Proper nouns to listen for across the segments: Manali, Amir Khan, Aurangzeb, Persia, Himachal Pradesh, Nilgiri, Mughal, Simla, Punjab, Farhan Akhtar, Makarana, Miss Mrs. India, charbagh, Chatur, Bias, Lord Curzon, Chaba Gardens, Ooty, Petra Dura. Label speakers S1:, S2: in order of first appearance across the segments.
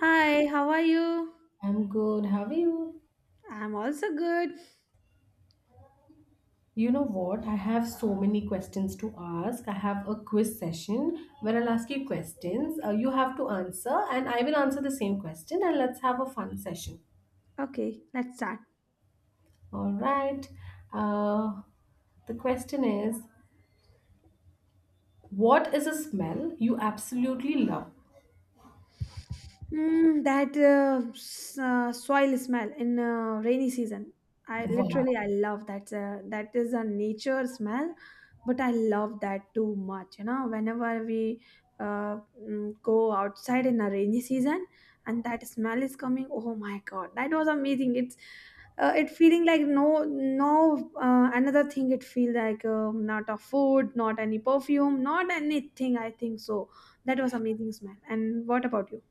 S1: Hi, how are you?
S2: I'm good. How are you?
S1: I'm also good.
S2: You know what? I have so many questions to ask. I have a quiz session where I'll ask you questions. You have to answer, and I will answer the same question, and let's have a fun session.
S1: Okay, let's start.
S2: All right. Uh, the question is, what is a smell you absolutely love?
S1: That soil smell in rainy season. I
S2: Wow.
S1: literally I love that. That is a nature smell, but I love that too much. You know, whenever we go outside in a rainy season and that smell is coming, oh my God, that was amazing. It feeling like no no another thing. It feel like not a food, not any perfume, not anything. I think so. That was amazing smell. And what about you?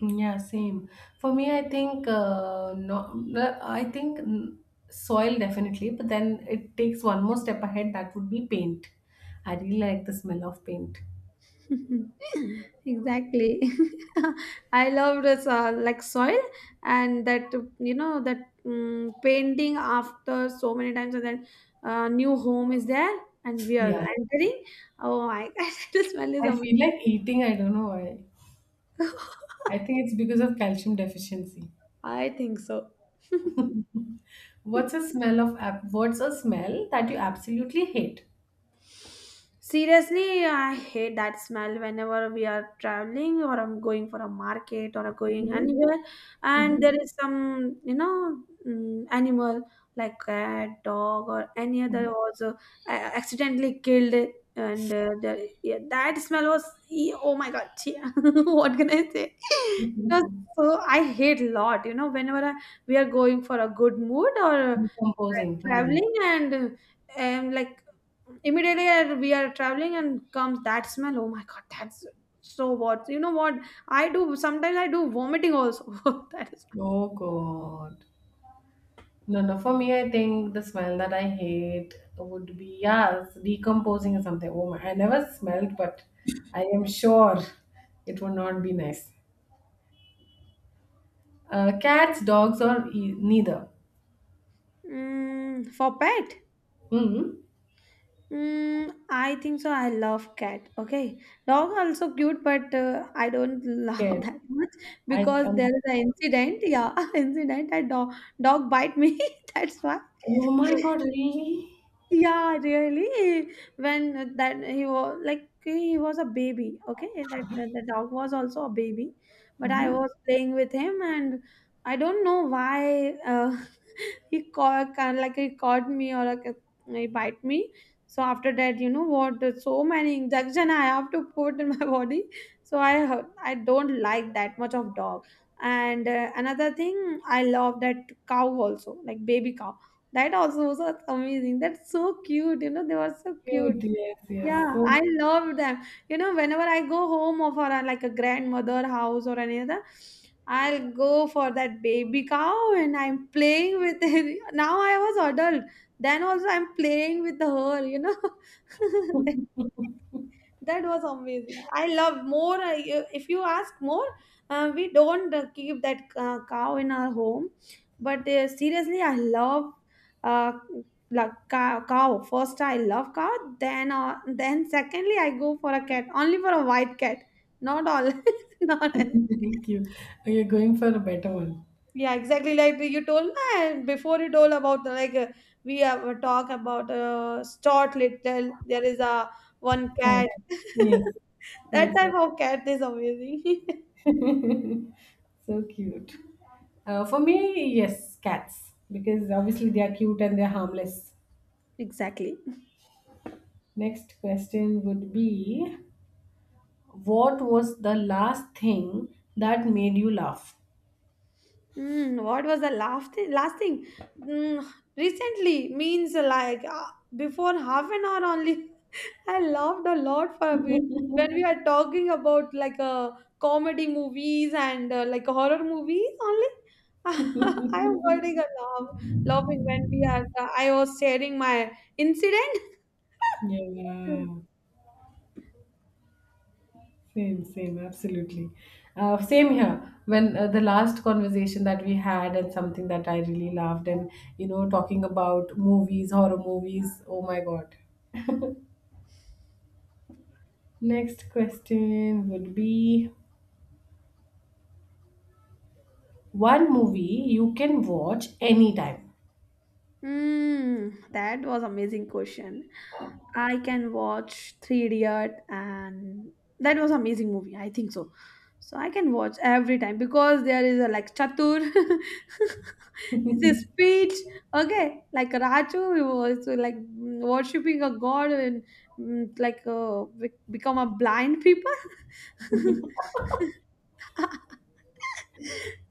S2: Yeah, same. For me, I think no, no, I think soil definitely, but then it takes one more step ahead. That would be paint. I really like the smell of paint.
S1: Exactly. I loved this like soil and that you know that painting after so many times and then new home is there and we are
S2: Yeah,
S1: entering, oh my God, the smell is
S2: I
S1: amazing.
S2: feel like eating. I don't know why. I think it's because of calcium deficiency.
S1: I think so.
S2: What's a smell of what's a smell that you absolutely hate?
S1: Seriously, I hate that smell whenever we are traveling or I'm going for a market or going
S2: Mm-hmm.
S1: anywhere, and there
S2: Mm-hmm.
S1: is some, you know, animal like cat, dog, or any other was accidentally killed, and yeah, that smell was oh my God, yeah. What can I say? It was.
S2: Mm-hmm.
S1: So I hate lot, you know, we are going for a good mood or
S2: Decomposing. Hmm.
S1: traveling and like immediately we are traveling and comes that smell, oh my God, that's. So what, you know what, I do sometimes, I do vomiting also. That is.
S2: Oh God. No, no. For me, I think the smell that I hate would be, yes, decomposing or something. Oh my, I never smelled, but I am sure it would not be nice. Cats, dogs, or neither.
S1: For pet,
S2: Mm-hmm.
S1: I think so I love cat, okay. Dog also cute, but I don't love
S2: Scared.
S1: that much,
S2: I
S1: because
S2: am.
S1: there is an incident, yeah. Incident, a dog, dog bite me. That's why.
S2: Oh my god! Really?
S1: Yeah, really. When that, he was like, he was a baby, okay. The dog was also a baby, but I
S2: Mm-hmm.
S1: was playing with him, and I don't know why, he caught, kind of like he caught me, or like he bite me. So after that, you know what, there's so many injection I have to put in my body. So I don't like that much of dog. And another thing, I love that cow also, like baby cow. That also was amazing. That's so cute. You know, they were so cute.
S2: Cute. Yes,
S1: Yeah,
S2: yes. So
S1: I love them. You know, whenever I go home or for a, like a grandmother house or any other, I'll go for that baby cow and I'm playing with it. Now I was adult. Then also I'm playing with her, you know. That was amazing. I love more. If you ask more, we don't keep that cow in our home. But seriously, I love uh, like cow, cow. First, I love cow. Then secondly, I go for a cat. Only for a white cat. Not all. Not any.
S2: cute. Okay, going for a better one.
S1: Yeah, exactly. Like you told, and before you told about the, like we have a talk about Stott Little. There is a one
S2: Cat.
S1: cat.
S2: Yes.
S1: That
S2: Yes,
S1: type
S2: yes.
S1: of cat is amazing.
S2: So cute. For me, yes, cats, because obviously they are cute and they're harmless.
S1: Exactly.
S2: Next question would be, what was the last thing that made you laugh?
S1: What was the last thing? Last thing, mm, recently means like before half an hour only. I laughed a lot for a bit when we are talking about like comedy movies and like horror movies only. I am getting a laugh, laughing when we are. I was sharing my incident.
S2: Yeah, same, same, absolutely. Same here. When the last conversation that we had, and something that I really loved, and you know, talking about movies, horror movies. Oh my god. Next question would be, one movie you can watch anytime.
S1: That was amazing question. I can watch Three Idiot, and that was amazing movie. I think so. So I can watch every time because there is a like Chatur, the speech. Okay, like Raju, he was like worshipping a god and like become a blind people.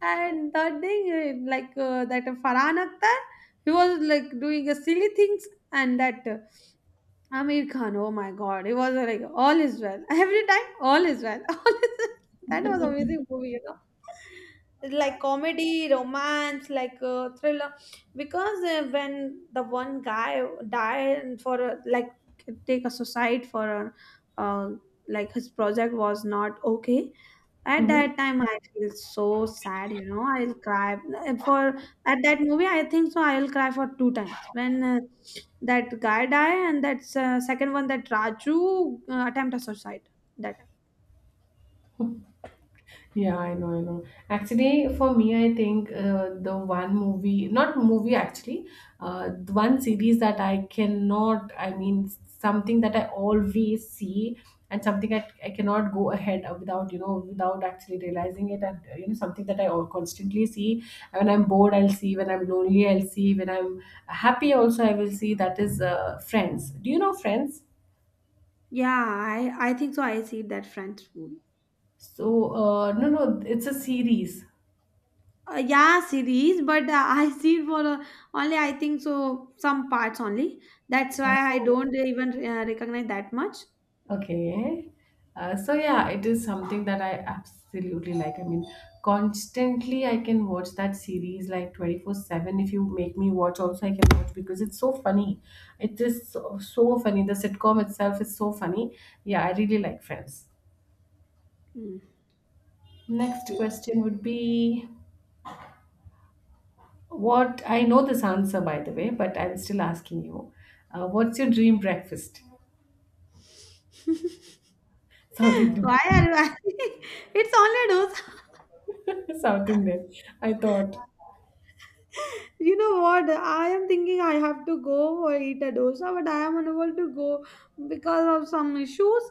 S1: And third thing, like that Farhan Akhtar, he was like doing a silly things and that. Amir Khan, oh my God, it was like, all is well. Every time, all is well. All is well. That was amazing movie, you know. It's like comedy, romance, like thriller. Because when the one guy died for a, like, take a suicide for a, uh, like his project was not okay, at that time, I feel so sad, you know. I'll cry for, at that movie. I think so. I'll cry for two times when that guy die, and that's second one, that Raju attempt a suicide. That.
S2: Yeah, I know, I know. Actually, for me, I think the one movie, not movie actually, the one series that I cannot, I mean, something that I always see and something I cannot go ahead of without, you know, without actually realizing it. And you know, something that constantly see. When I'm bored, I'll see. When I'm lonely, I'll see. When I'm happy, also, I will see. That is Friends. Do you know Friends?
S1: Yeah, I think so. I see that French movie.
S2: So, no, no, it's a series.
S1: Yeah, series, but I see it for only, I think so, some parts only. That's why I
S2: Oh.
S1: don't even recognize that much.
S2: Okay. So yeah, it is something that I absolutely like. I mean, constantly I can watch that series like 24/7. If you make me watch, also I can watch because it's so funny. It is so, so funny. The sitcom itself is so funny. Yeah, I really like Friends.
S1: Mm,
S2: Next
S1: exactly.
S2: question would be, what — I know this answer by the way, but I'm still asking you. What's your dream breakfast? South Indian.
S1: Why are you asking? It's only dosa.
S2: South Indian. I thought.
S1: You know what? I am thinking I have to go or eat a dosa, but I am unable to go because of some issues.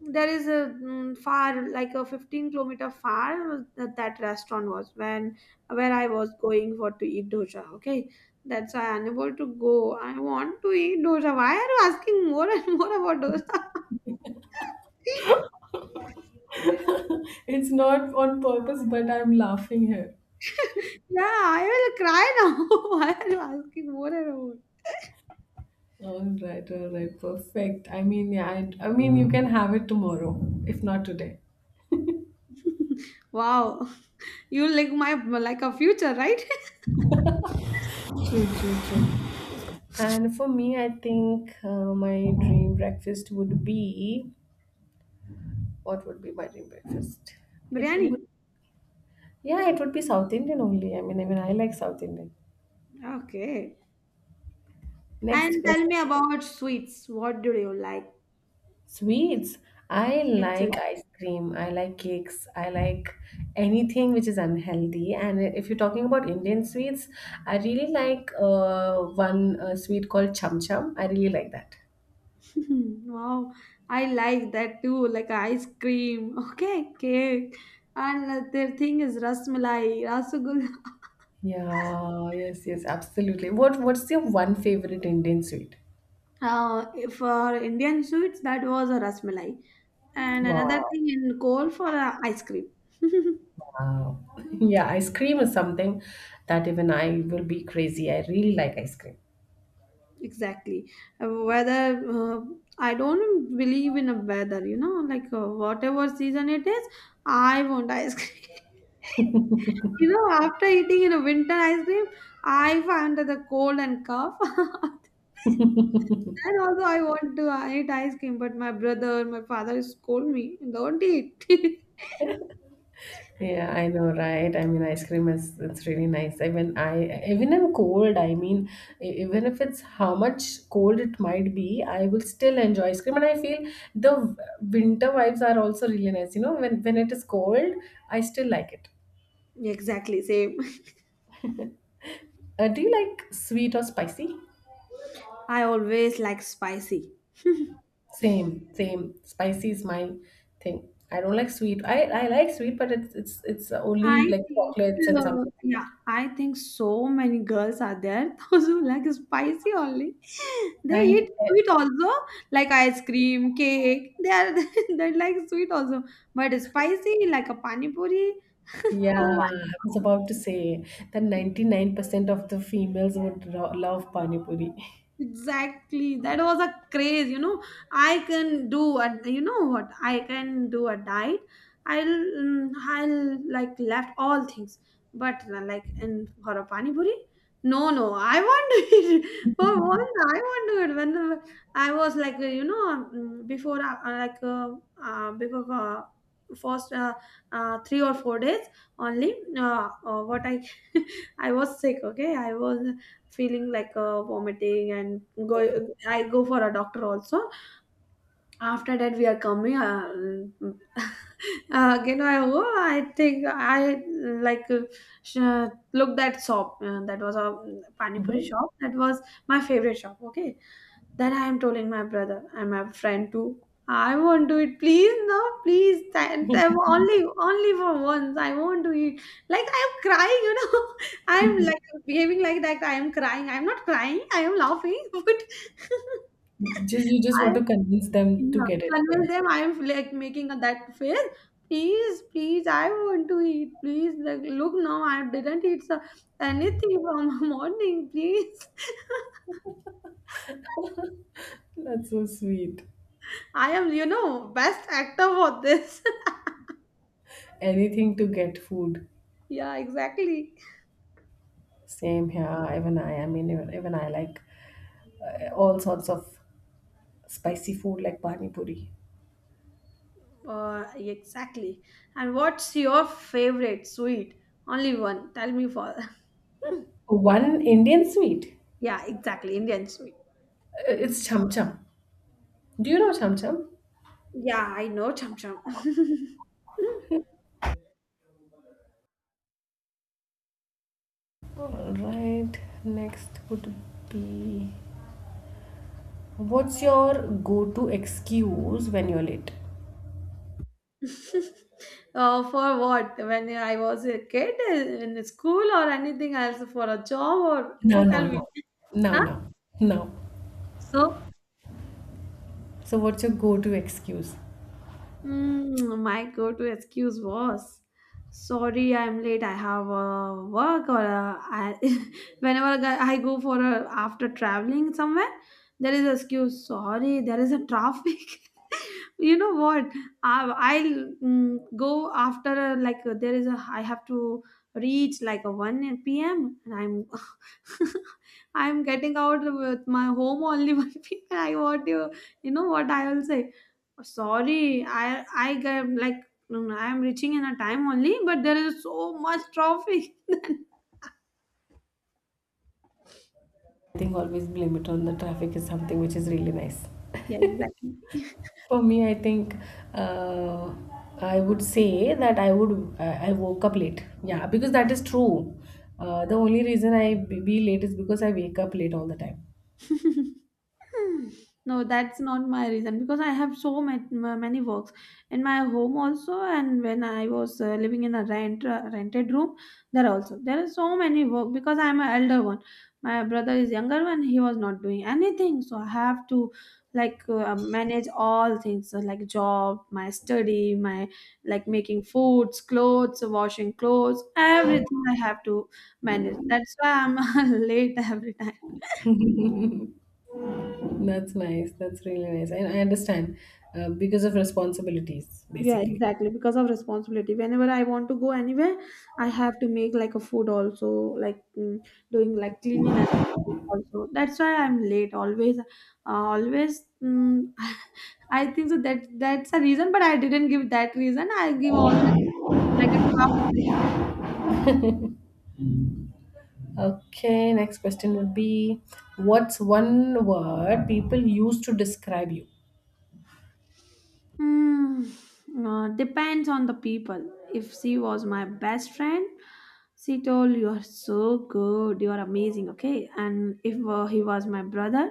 S1: There is a far, like a 15-kilometer far, that restaurant was, when where I was going for to eat dosa. Okay, that's why I'm unable to go. I want to eat dosa. Why are you asking more and more about dosa?
S2: It's not on purpose, but I'm laughing here.
S1: Yeah, I will cry now. Why are you asking more and more?
S2: All right, perfect. I mean, yeah, I mean, you can have it tomorrow, if not today.
S1: Wow, you like my like a future, right?
S2: True, true, true. And for me, I think my dream breakfast would be — what would be my dream breakfast? It would,
S1: Biryani.
S2: yeah, it would be South Indian only. I mean, I like South Indian.
S1: Okay.
S2: Next
S1: And tell
S2: question.
S1: me about sweets. What do you like
S2: Sweets. I
S1: in sweets?
S2: like ice cream. I like cakes. I like anything which is unhealthy. And if you're talking about Indian sweets, I really like one sweet called cham cham. I really like that.
S1: Wow, I like that too, like ice cream. Okay, cake. And the third thing is rasmalai, rasagulla.
S2: Yeah, yes, yes, absolutely. What's your one favorite Indian sweet?
S1: For Indian sweets, that was a rasmalai. And another
S2: Wow.
S1: thing in coal for ice cream.
S2: Wow. Yeah, ice cream is something that even I will be crazy. I really like ice cream.
S1: Exactly. Weather, I don't believe in a weather, you know, like whatever season it is, I want ice cream. You know, after eating in a winter ice cream, I find that the cold and cough. Then also I want to eat ice cream, but my brother, my father scold me, don't eat.
S2: Yeah, I know, right? I mean, ice cream is — it's really nice. Even I, even in cold, I mean, even if it's — how much cold it might be, I will still enjoy ice cream. And I feel the w- winter vibes are also really nice. You know, when it is cold, I still like it.
S1: Exactly, same.
S2: Do you like sweet or spicy?
S1: I always like spicy.
S2: Same, same. Spicy is my thing. I don't like sweet. I like sweet, but it's only
S1: I
S2: like
S1: think,
S2: chocolates and something like
S1: yeah,
S2: that.
S1: I think so many girls are there those who like spicy only. They
S2: And
S1: eat sweet also, like ice cream, cake. They are they like sweet also, but spicy like a pani puri.
S2: Yeah,
S1: Oh my!
S2: I was about to say that
S1: God.
S2: 99% of the females would love pani puri.
S1: Exactly. That was a craze, you know. I can do a, you know what, I can do a diet. I'll like left all things, but like in for a pani puri, no, no, I want to eat. For once, I want to eat. When I was like, you know, mm, before like before first 3 or 4 days only. What I I was sick. Okay, I was feeling like vomiting and go I go for a doctor also. After that we are coming, again I oh, I think I like sh- look that shop, that was a pani puri
S2: Mhm.
S1: shop, that was my favorite shop, okay. Then I am telling my brother and my friend too, I won't do it, please, no please, thank them only, only for once I won't do it, like I am crying, you know. I am like behaving like that, I am crying, I am not crying, I am laughing. But
S2: You just want
S1: I.
S2: to convince them to
S1: Yeah,
S2: get it for
S1: convince
S2: you.
S1: them, I am like making a, that face. Please, please, I want to eat. Please, like look now, I didn't eat so, anything from morning. Please,
S2: That's so sweet.
S1: I am, you know, best actor for this.
S2: Anything to get food.
S1: Yeah, exactly.
S2: Same here. Even I mean, even, even I like all sorts of spicy food like pani puri.
S1: Exactly. And what's your favorite sweet? Only one. Tell me for.
S2: One Indian sweet.
S1: Yeah, exactly. Indian sweet.
S2: It's cham cham. Do you know cham cham?
S1: Yeah, I know chum chum.
S2: All right. Next would be — what's your go-to excuse when you're late?
S1: For what? When I was a kid, in school, or anything else, for a job, or
S2: No, no,
S1: tell
S2: no.
S1: me.
S2: No,
S1: Huh?
S2: no, no.
S1: So.
S2: So what's your go-to excuse?
S1: My go-to excuse was, "Sorry, I'm late. I have work." Or whenever I go for a, after traveling somewhere, there is excuse. Sorry, there is a traffic. You know what? I, I'll go after a, like there is a. I have to reach like a one p.m., and I'm I'm getting out with my home only one p.m. I want you. You know what I will say? Sorry, I get like, no, no, I am reaching in a time only, but there is so much traffic.
S2: I think always blame it on the traffic is something which is really nice.
S1: Yeah, exactly.
S2: For me, I think uh, I would say that I woke up late. Yeah, because that is true. The only reason I be late is because I wake up late all the time.
S1: Hmm. No, that's not my reason, because I have so much, many works in my home also, and when I was living in a rented room, there also there are so many work because I am an elder one. My brother is younger one; he was not doing anything, so I have to like manage all things, so like job, my study, my like making foods, clothes, washing clothes, everything I have to manage. That's why I'm late every time.
S2: That's nice. That's really nice. I understand because of responsibilities,
S1: Yeah,
S2: basically.
S1: exactly. Because of responsibility. Whenever I want to go anywhere, I have to make like a food also, like doing like cleanliness also. That's why I'm late always. Always. I think so that's a reason, but I didn't give that reason. I give all like a travel reason.
S2: Okay, next question would be, what's one word people use to describe you?
S1: Hmm. Depends on the people. If she was my best friend, she told you are so good, you are amazing, okay. And if he was my brother,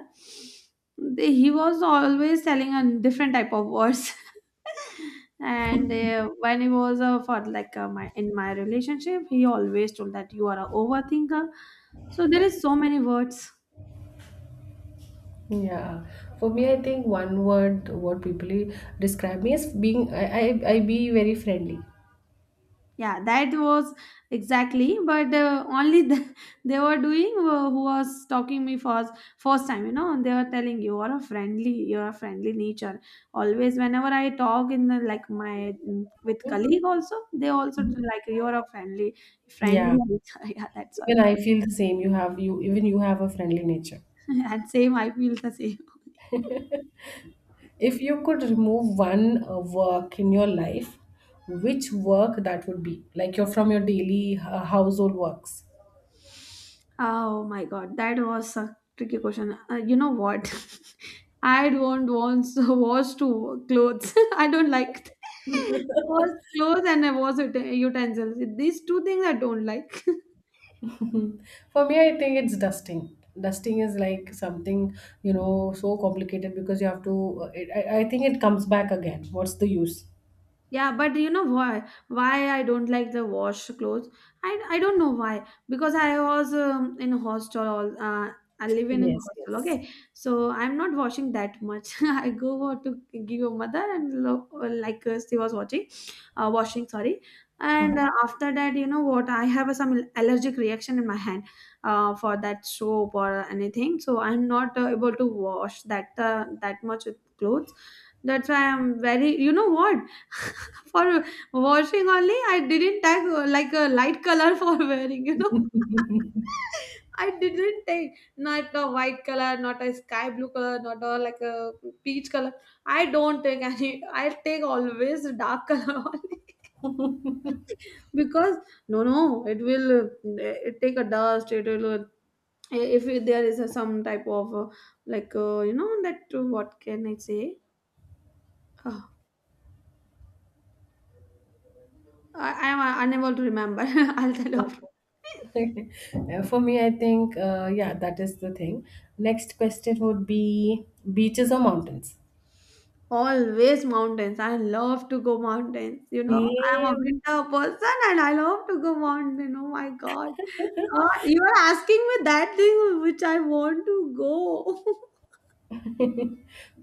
S1: he was always telling a different type of words. And when he was for like my in my relationship, he always told that you are a overthinker. So there is so many words.
S2: Yeah, for me, I think one word what people describe me as being — I be very friendly.
S1: Yeah, that was exactly but only the, they were doing who was talking me first first time, you know, they were telling you are a friendly, you're a friendly nature always whenever I talk in the, like my with colleague also they also like you're a friendly
S2: Yeah,
S1: nature. Yeah, that's why
S2: even I feel the same. You have you Even you have a friendly nature.
S1: and same I feel the same.
S2: If you could remove one work in your life, which work that would be? Like you're from your daily household works.
S1: Oh my god, that was a tricky question. You know what? I don't want to wash two clothes. I don't like wash clothes and I wash utensils. These two things I don't like.
S2: Mhm. For me, I think it's dusting. Dusting is like something, you know, so complicated because you have to — I think it comes back again. What's the use?
S1: Yeah, but you know why? Why I don't like the wash clothes? I don't know why. Because I was in hostel. All I live in a
S2: Yes,
S1: hostel.
S2: yes.
S1: Okay, so I'm not washing that much. I go out to give your mother and look, like she was watching, washing. Sorry. And
S2: Uh-huh.
S1: after that, you know what? I have a, some allergic reaction in my hand for that soap or anything. So I'm not able to wash that that much with clothes, that's why I'm very, you know what? For washing only, I didn't take like a light color for wearing, you know. I didn't take not a white color, not a sky blue color, not a like a peach color. I don't take any. I take always dark color only because no, no, it will it take a dust. It will if there is a, some type of like you know that what can I say? Uh, I am unable to remember. I'll tell you after.
S2: For me, I think, yeah, that is the thing. Next question would be, beaches or mountains?
S1: Always mountains. I love to go mountains. You know, I'm a
S2: Same.
S1: winter person and I love to go mountain. Oh my god. You are asking me that thing which I want to go.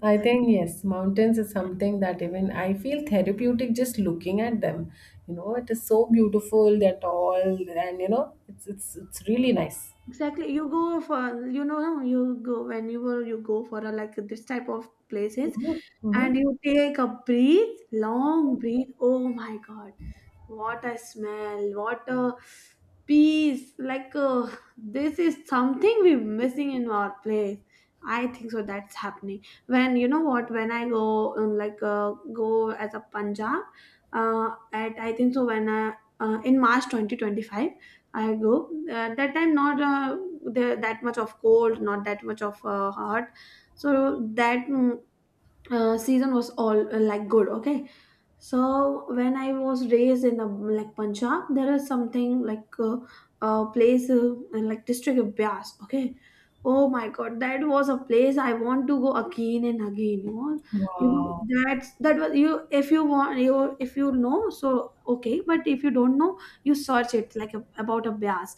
S2: I think, yes, mountains is something that even I feel therapeutic just looking at them. You know, it is so beautiful, they're tall, and you know, it's really nice.
S1: Exactly. You go for, you know, you go whenever you go for a, like this type of places
S2: Mhm,
S1: and
S2: mhm.
S1: you take a breath, long breath. Oh my God. What a smell. What a peace. Like, this is something we're missing in our place. I think so. That's happening. When, you know what, when I go, like, go as a Punjab, at, I think so, when I, in March 2025 I go that time not the, that much of cold, not that much of hot. So that season was all like good. Okay, so when I was raised in the like Punjab, there is something like a place in like district of Bias. Okay, oh my God, that was a place I want to go again and again. You
S2: Wow.
S1: know that's that was you if you want you if you know so okay, but if you don't know, you search it like a, about a Bias.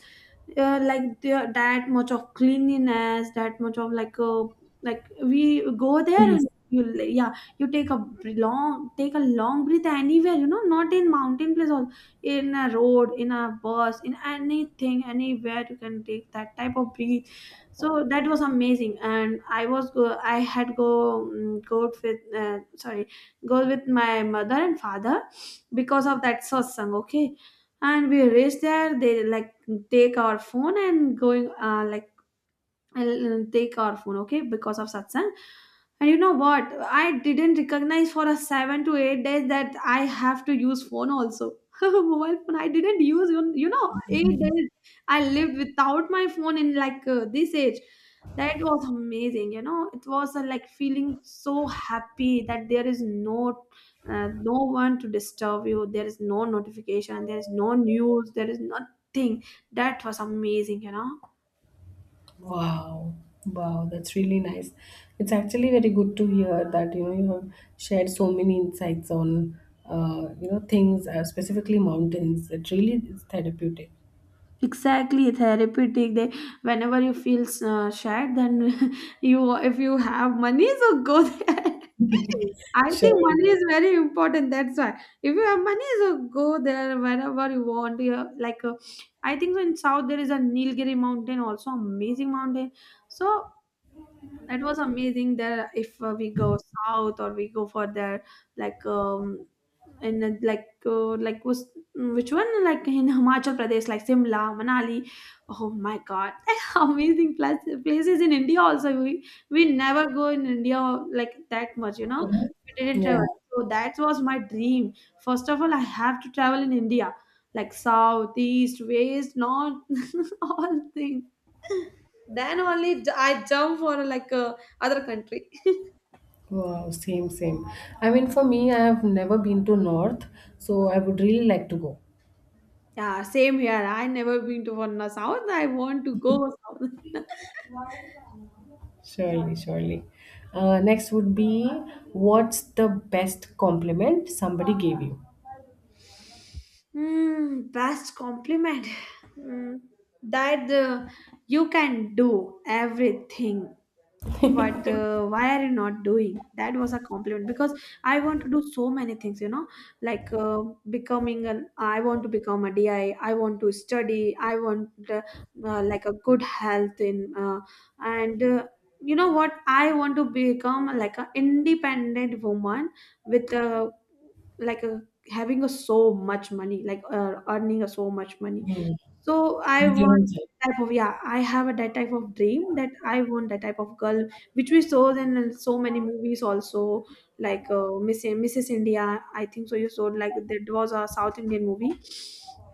S1: Like there that much of cleanliness, that much of like we go there
S2: Yes.
S1: and you yeah, you take a long take a long breath anywhere, you know, not in mountain place or in a road, in a bus, in anything, anywhere you can take that type of breathe. So that was amazing and I had go go out with sorry, go with my mother and father because of that satsang, okay, and we reached there, they like take our phone and going like I'll take our phone, okay, because of satsang. And you know what? I didn't recognize for a 7 to 8 days that I have to use phone also. Mobile phone, I didn't use, you know, 8 days I lived without my phone in like this age. That was amazing, you know. It was like feeling so happy that there is no, no one to disturb you. There is no notification. There is no news. There is nothing. That was amazing, you know.
S2: Wow. Wow, that's really nice. It's actually very good to hear that, you know, you have shared so many insights on you know, things, specifically mountains. It really is therapeutic.
S1: Exactly, therapeutic they, whenever you feel sad then you if you have money so go there. I think money
S2: Sure.
S1: is very important, that's why if you have money so go there whenever you want you like I think so in south there is a Nilgiri mountain, also amazing mountain. So that was amazing. There, if we go south or we go for there, like in like like was which one, like in Himachal Pradesh, like Simla, Manali. Oh my God, amazing place, places in India also. We never go in India like that much, you know.
S2: Mhm.
S1: We didn't travel,
S2: Yeah.
S1: so that was my dream. First of all, I have to travel in India, like south, east, west, north, all things. Then only I jump for like a other country.
S2: Wow, same, same. I mean, for me, I have never been to North, so I would really like to go.
S1: Yeah, same here. I never been to one south. I want to go south.
S2: Surely, surely. Next would be, what's the best compliment somebody gave you?
S1: Hmm, best compliment. Hmm, that you can do everything. But why are you not doing, that was a compliment because I want to do so many things, you know, like becoming an I want to become a di, I want to study, I want like a good health in and you know what, I want to become like an independent woman with a like a having a so much money, like earning a so much money, so I
S2: Individual
S1: want
S2: self.
S1: that type of, yeah, I have a that type of dream that I want that type of girl, which we saw in so many movies also, like Miss Mrs. India. I think so. You saw like that was a South Indian movie,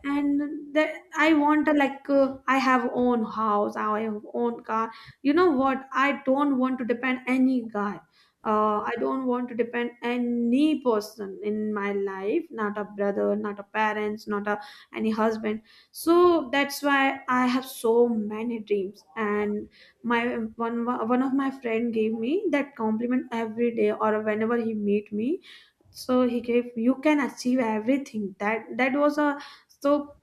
S1: and that I want a, like I have own house, I have own car. You know what? I don't want to depend any guy. I don't want to depend any person in my life, not a brother, not a parents, not a any husband. So that's why I have so many dreams. And my one of my friend gave me that compliment every day or whenever he meet me, so he gave you can achieve everything, that that was a so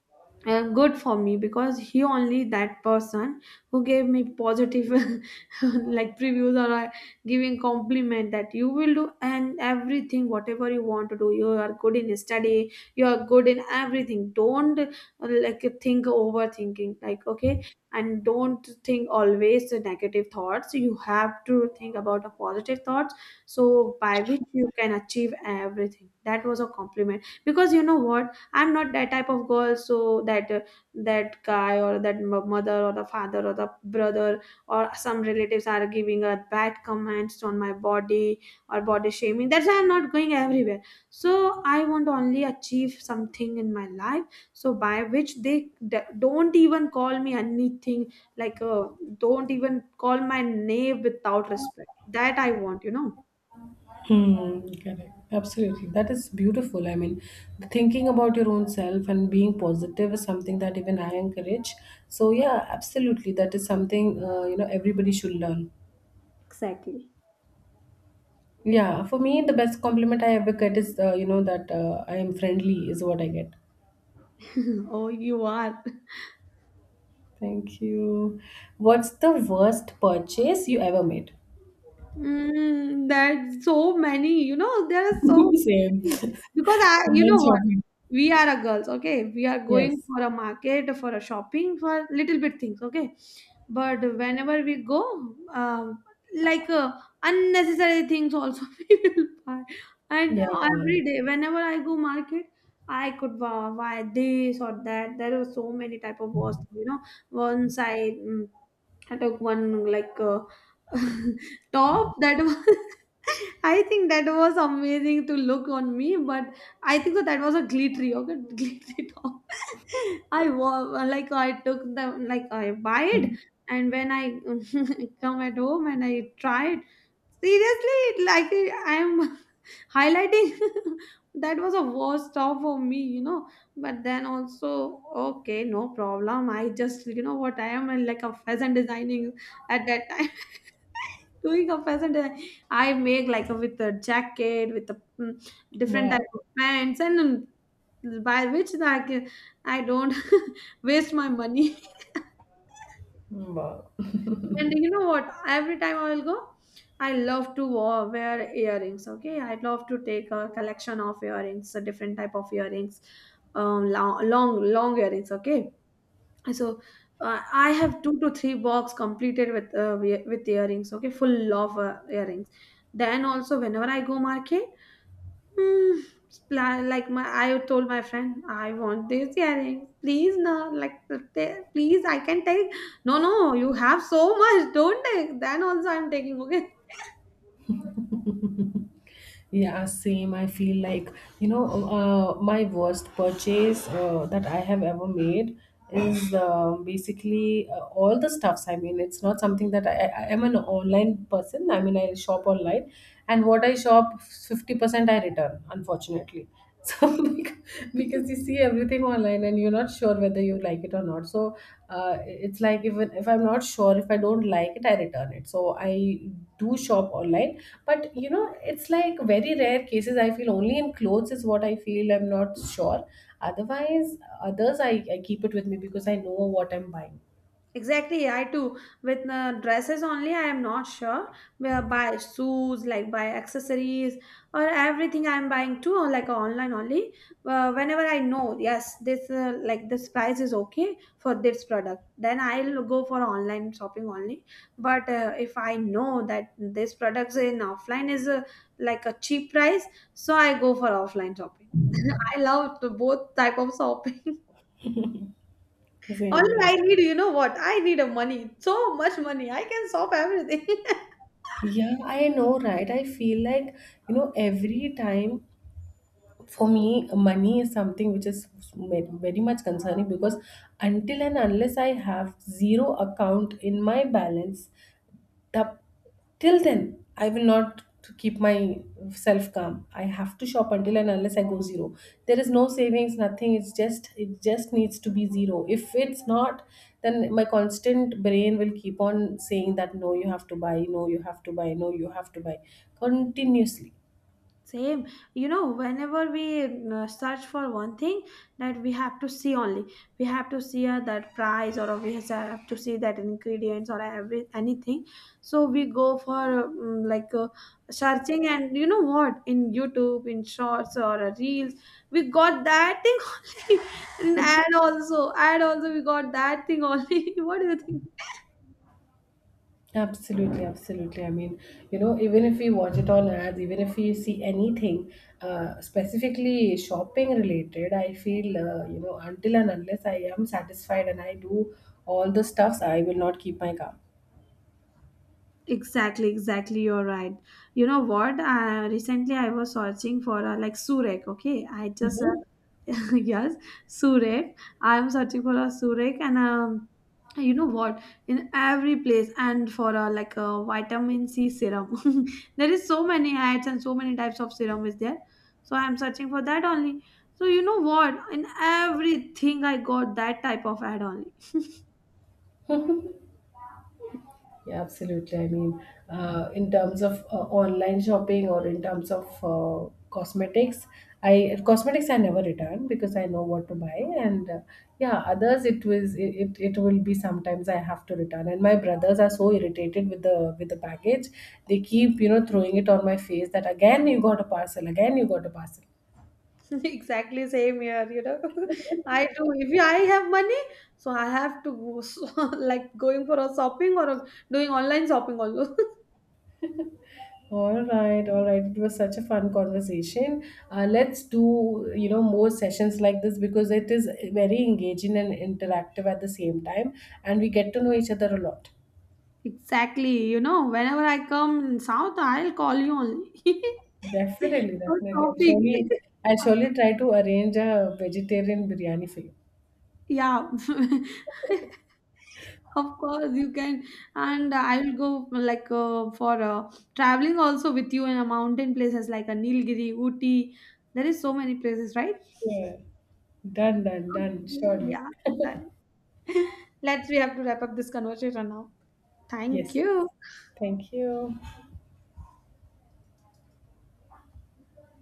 S1: good for me because he only that person who gave me positive like previews or giving compliment that you will do and everything whatever you want to do, you are good in study, you are good in everything, don't like think overthinking, like okay, and don't think always the negative thoughts, you have to think about a positive thoughts, so by which you can achieve everything. That was a compliment because, you know what, I'm not that type of girl. So that that guy or that mother or the father or the brother or some relatives are giving a bad comments on my body or body shaming, that's why I'm not going everywhere. So I want to only achieve something in my life, so by which they don't even call me anything, like don't even call my name without respect, that I want, you know.
S2: Hmm, correct. Absolutely. That is beautiful. I mean, thinking about your own self and being positive is something that even I encourage. So, yeah, absolutely. That is something, you know, everybody should learn.
S1: Exactly.
S2: Yeah, for me, the best compliment I ever get is, you know, that I am friendly, is what I get.
S1: Oh, you are.
S2: Thank you. What's the worst purchase you ever made?
S1: Mm, that's so many, you know, there are so many
S2: Same.
S1: things. Because I, you know
S2: Online
S1: what,
S2: shopping.
S1: we are a girls, okay? We are going
S2: Yes.
S1: for a market, for a shopping, for little bit things, okay? But whenever we go, like unnecessary things also we will buy. And
S2: Yeah.
S1: every day, whenever I go market, I could buy, buy this or that. There are so many type of was, you know. Once I, I took one like. Top that was I think that was amazing to look on me, but I think that, that was a glittery, okay, glittery top. I like I took the like I buy it,
S2: Mhm.
S1: and when I come at home and I try it, seriously, like I'm highlighting. That was a worst stop for me, you know, but then also okay, no problem, I just, you know what, I am like a fashion designing at that time doing a fashion design. I make like a, with a jacket with a different type
S2: Wow.
S1: of pants and by which I can I don't waste my money.
S2: Mm. Wow.
S1: And you know what? Every time I will go, I love to wear earrings. Okay, I love to take a collection of earrings, a different type of earrings, long, long, long earrings. Okay, so I have two to three box completed with with earrings. Okay, full of earrings. Then also, whenever I go market. Mm, like my, I told my friend I want this earring, please. No like, please I can take. No, no, you have so much, don't take, then also I'm taking, okay.
S2: Yeah, same. I feel like, you know, my worst purchase that I have ever made is basically all the stuffs. I mean, it's not something that I am an online person. I mean, I shop online, and what I shop, 50% I return, unfortunately. So because you see everything online and you're not sure whether you like it or not. So it's like, even if I'm not sure, if I don't like it, I return it. So I do shop online, but you know it's like very rare cases. I feel only in clothes is what I feel I'm not sure. Otherwise, others I keep it with me because I know what I'm buying.
S1: Exactly, I too. With dresses only, I am not sure. Where buy shoes, like buy accessories, or everything I am buying too, like online only. Whenever I know, yes, this like this price is okay for this product, then I'll go for online shopping only. But if I know that this products in offline is like a cheap price, so I go for offline shopping. I love the both type of shopping. Only
S2: Same, yeah.
S1: I need, you know what? I need a money. So much money. I can solve everything.
S2: Yeah, I know, right? I feel like, you know, every time — for me, money is something which is very much concerning because until and unless I have zero account in my balance, the, till then I will not to keep myself calm. I have to shop until and unless I go zero. There is no savings, nothing. It's just — it just needs to be zero. If it's not, then my constant brain will keep on saying that, no, you have to buy, no, you have to buy, no, you have to buy continuously.
S1: Same, you know, whenever we search for one thing, that we have to see only, we have to see that price or we have to see that ingredients or every anything. So we go for like searching, and you know what? In YouTube, in Shorts or Reels, we got that thing only. In ad also, we got that thing only. What do you think?
S2: Absolutely, absolutely. I mean, you know, even if we watch it on ads, even if we see anything specifically shopping related, I feel, you know, until and unless I am satisfied and I do all the stuffs, I will not keep my car.
S1: Exactly, exactly. You're right. You know what? I recently I was searching for a like surek. Okay, I just
S2: Mhm.
S1: yes surek. I'm searching for a surek, and you know what? In every place, and for a like a vitamin C serum. There is so many ads and so many types of serum is there. So I'm searching for that only. So you know what? In everything I got that type of ad only.
S2: Yeah, absolutely. I mean, in terms of online shopping or in terms of cosmetics I never return because I know what to buy, and yeah, others it was it, it will be sometimes I have to return, and my brothers are so irritated with the package, they keep, you know, throwing it on my face that, again you got a parcel, again you got a parcel.
S1: Exactly same here, you know. I do. If I have money, so I have to go so, like going for a shopping or doing online shopping also.
S2: All right, all right. It was such a fun conversation. Let's do, you know, more sessions like this because it is very engaging and interactive at the same time, and we get to know each other a lot.
S1: Exactly, you know, whenever I come in South, I'll call you only
S2: Definitely,
S1: for
S2: definitely.
S1: shopping.
S2: I'll surely try to arrange a vegetarian biryani for you.
S1: Yeah, of course you can, and I will go like for traveling also with you in a mountain places like a Nilgiri, Ooty. There is so many places, right?
S2: Sure. Done, done,
S1: Okay,
S2: done. Surely.
S1: yeah, then let's we have to wrap up this conversation now. Thank
S2: Yes.
S1: you.
S2: Thank you.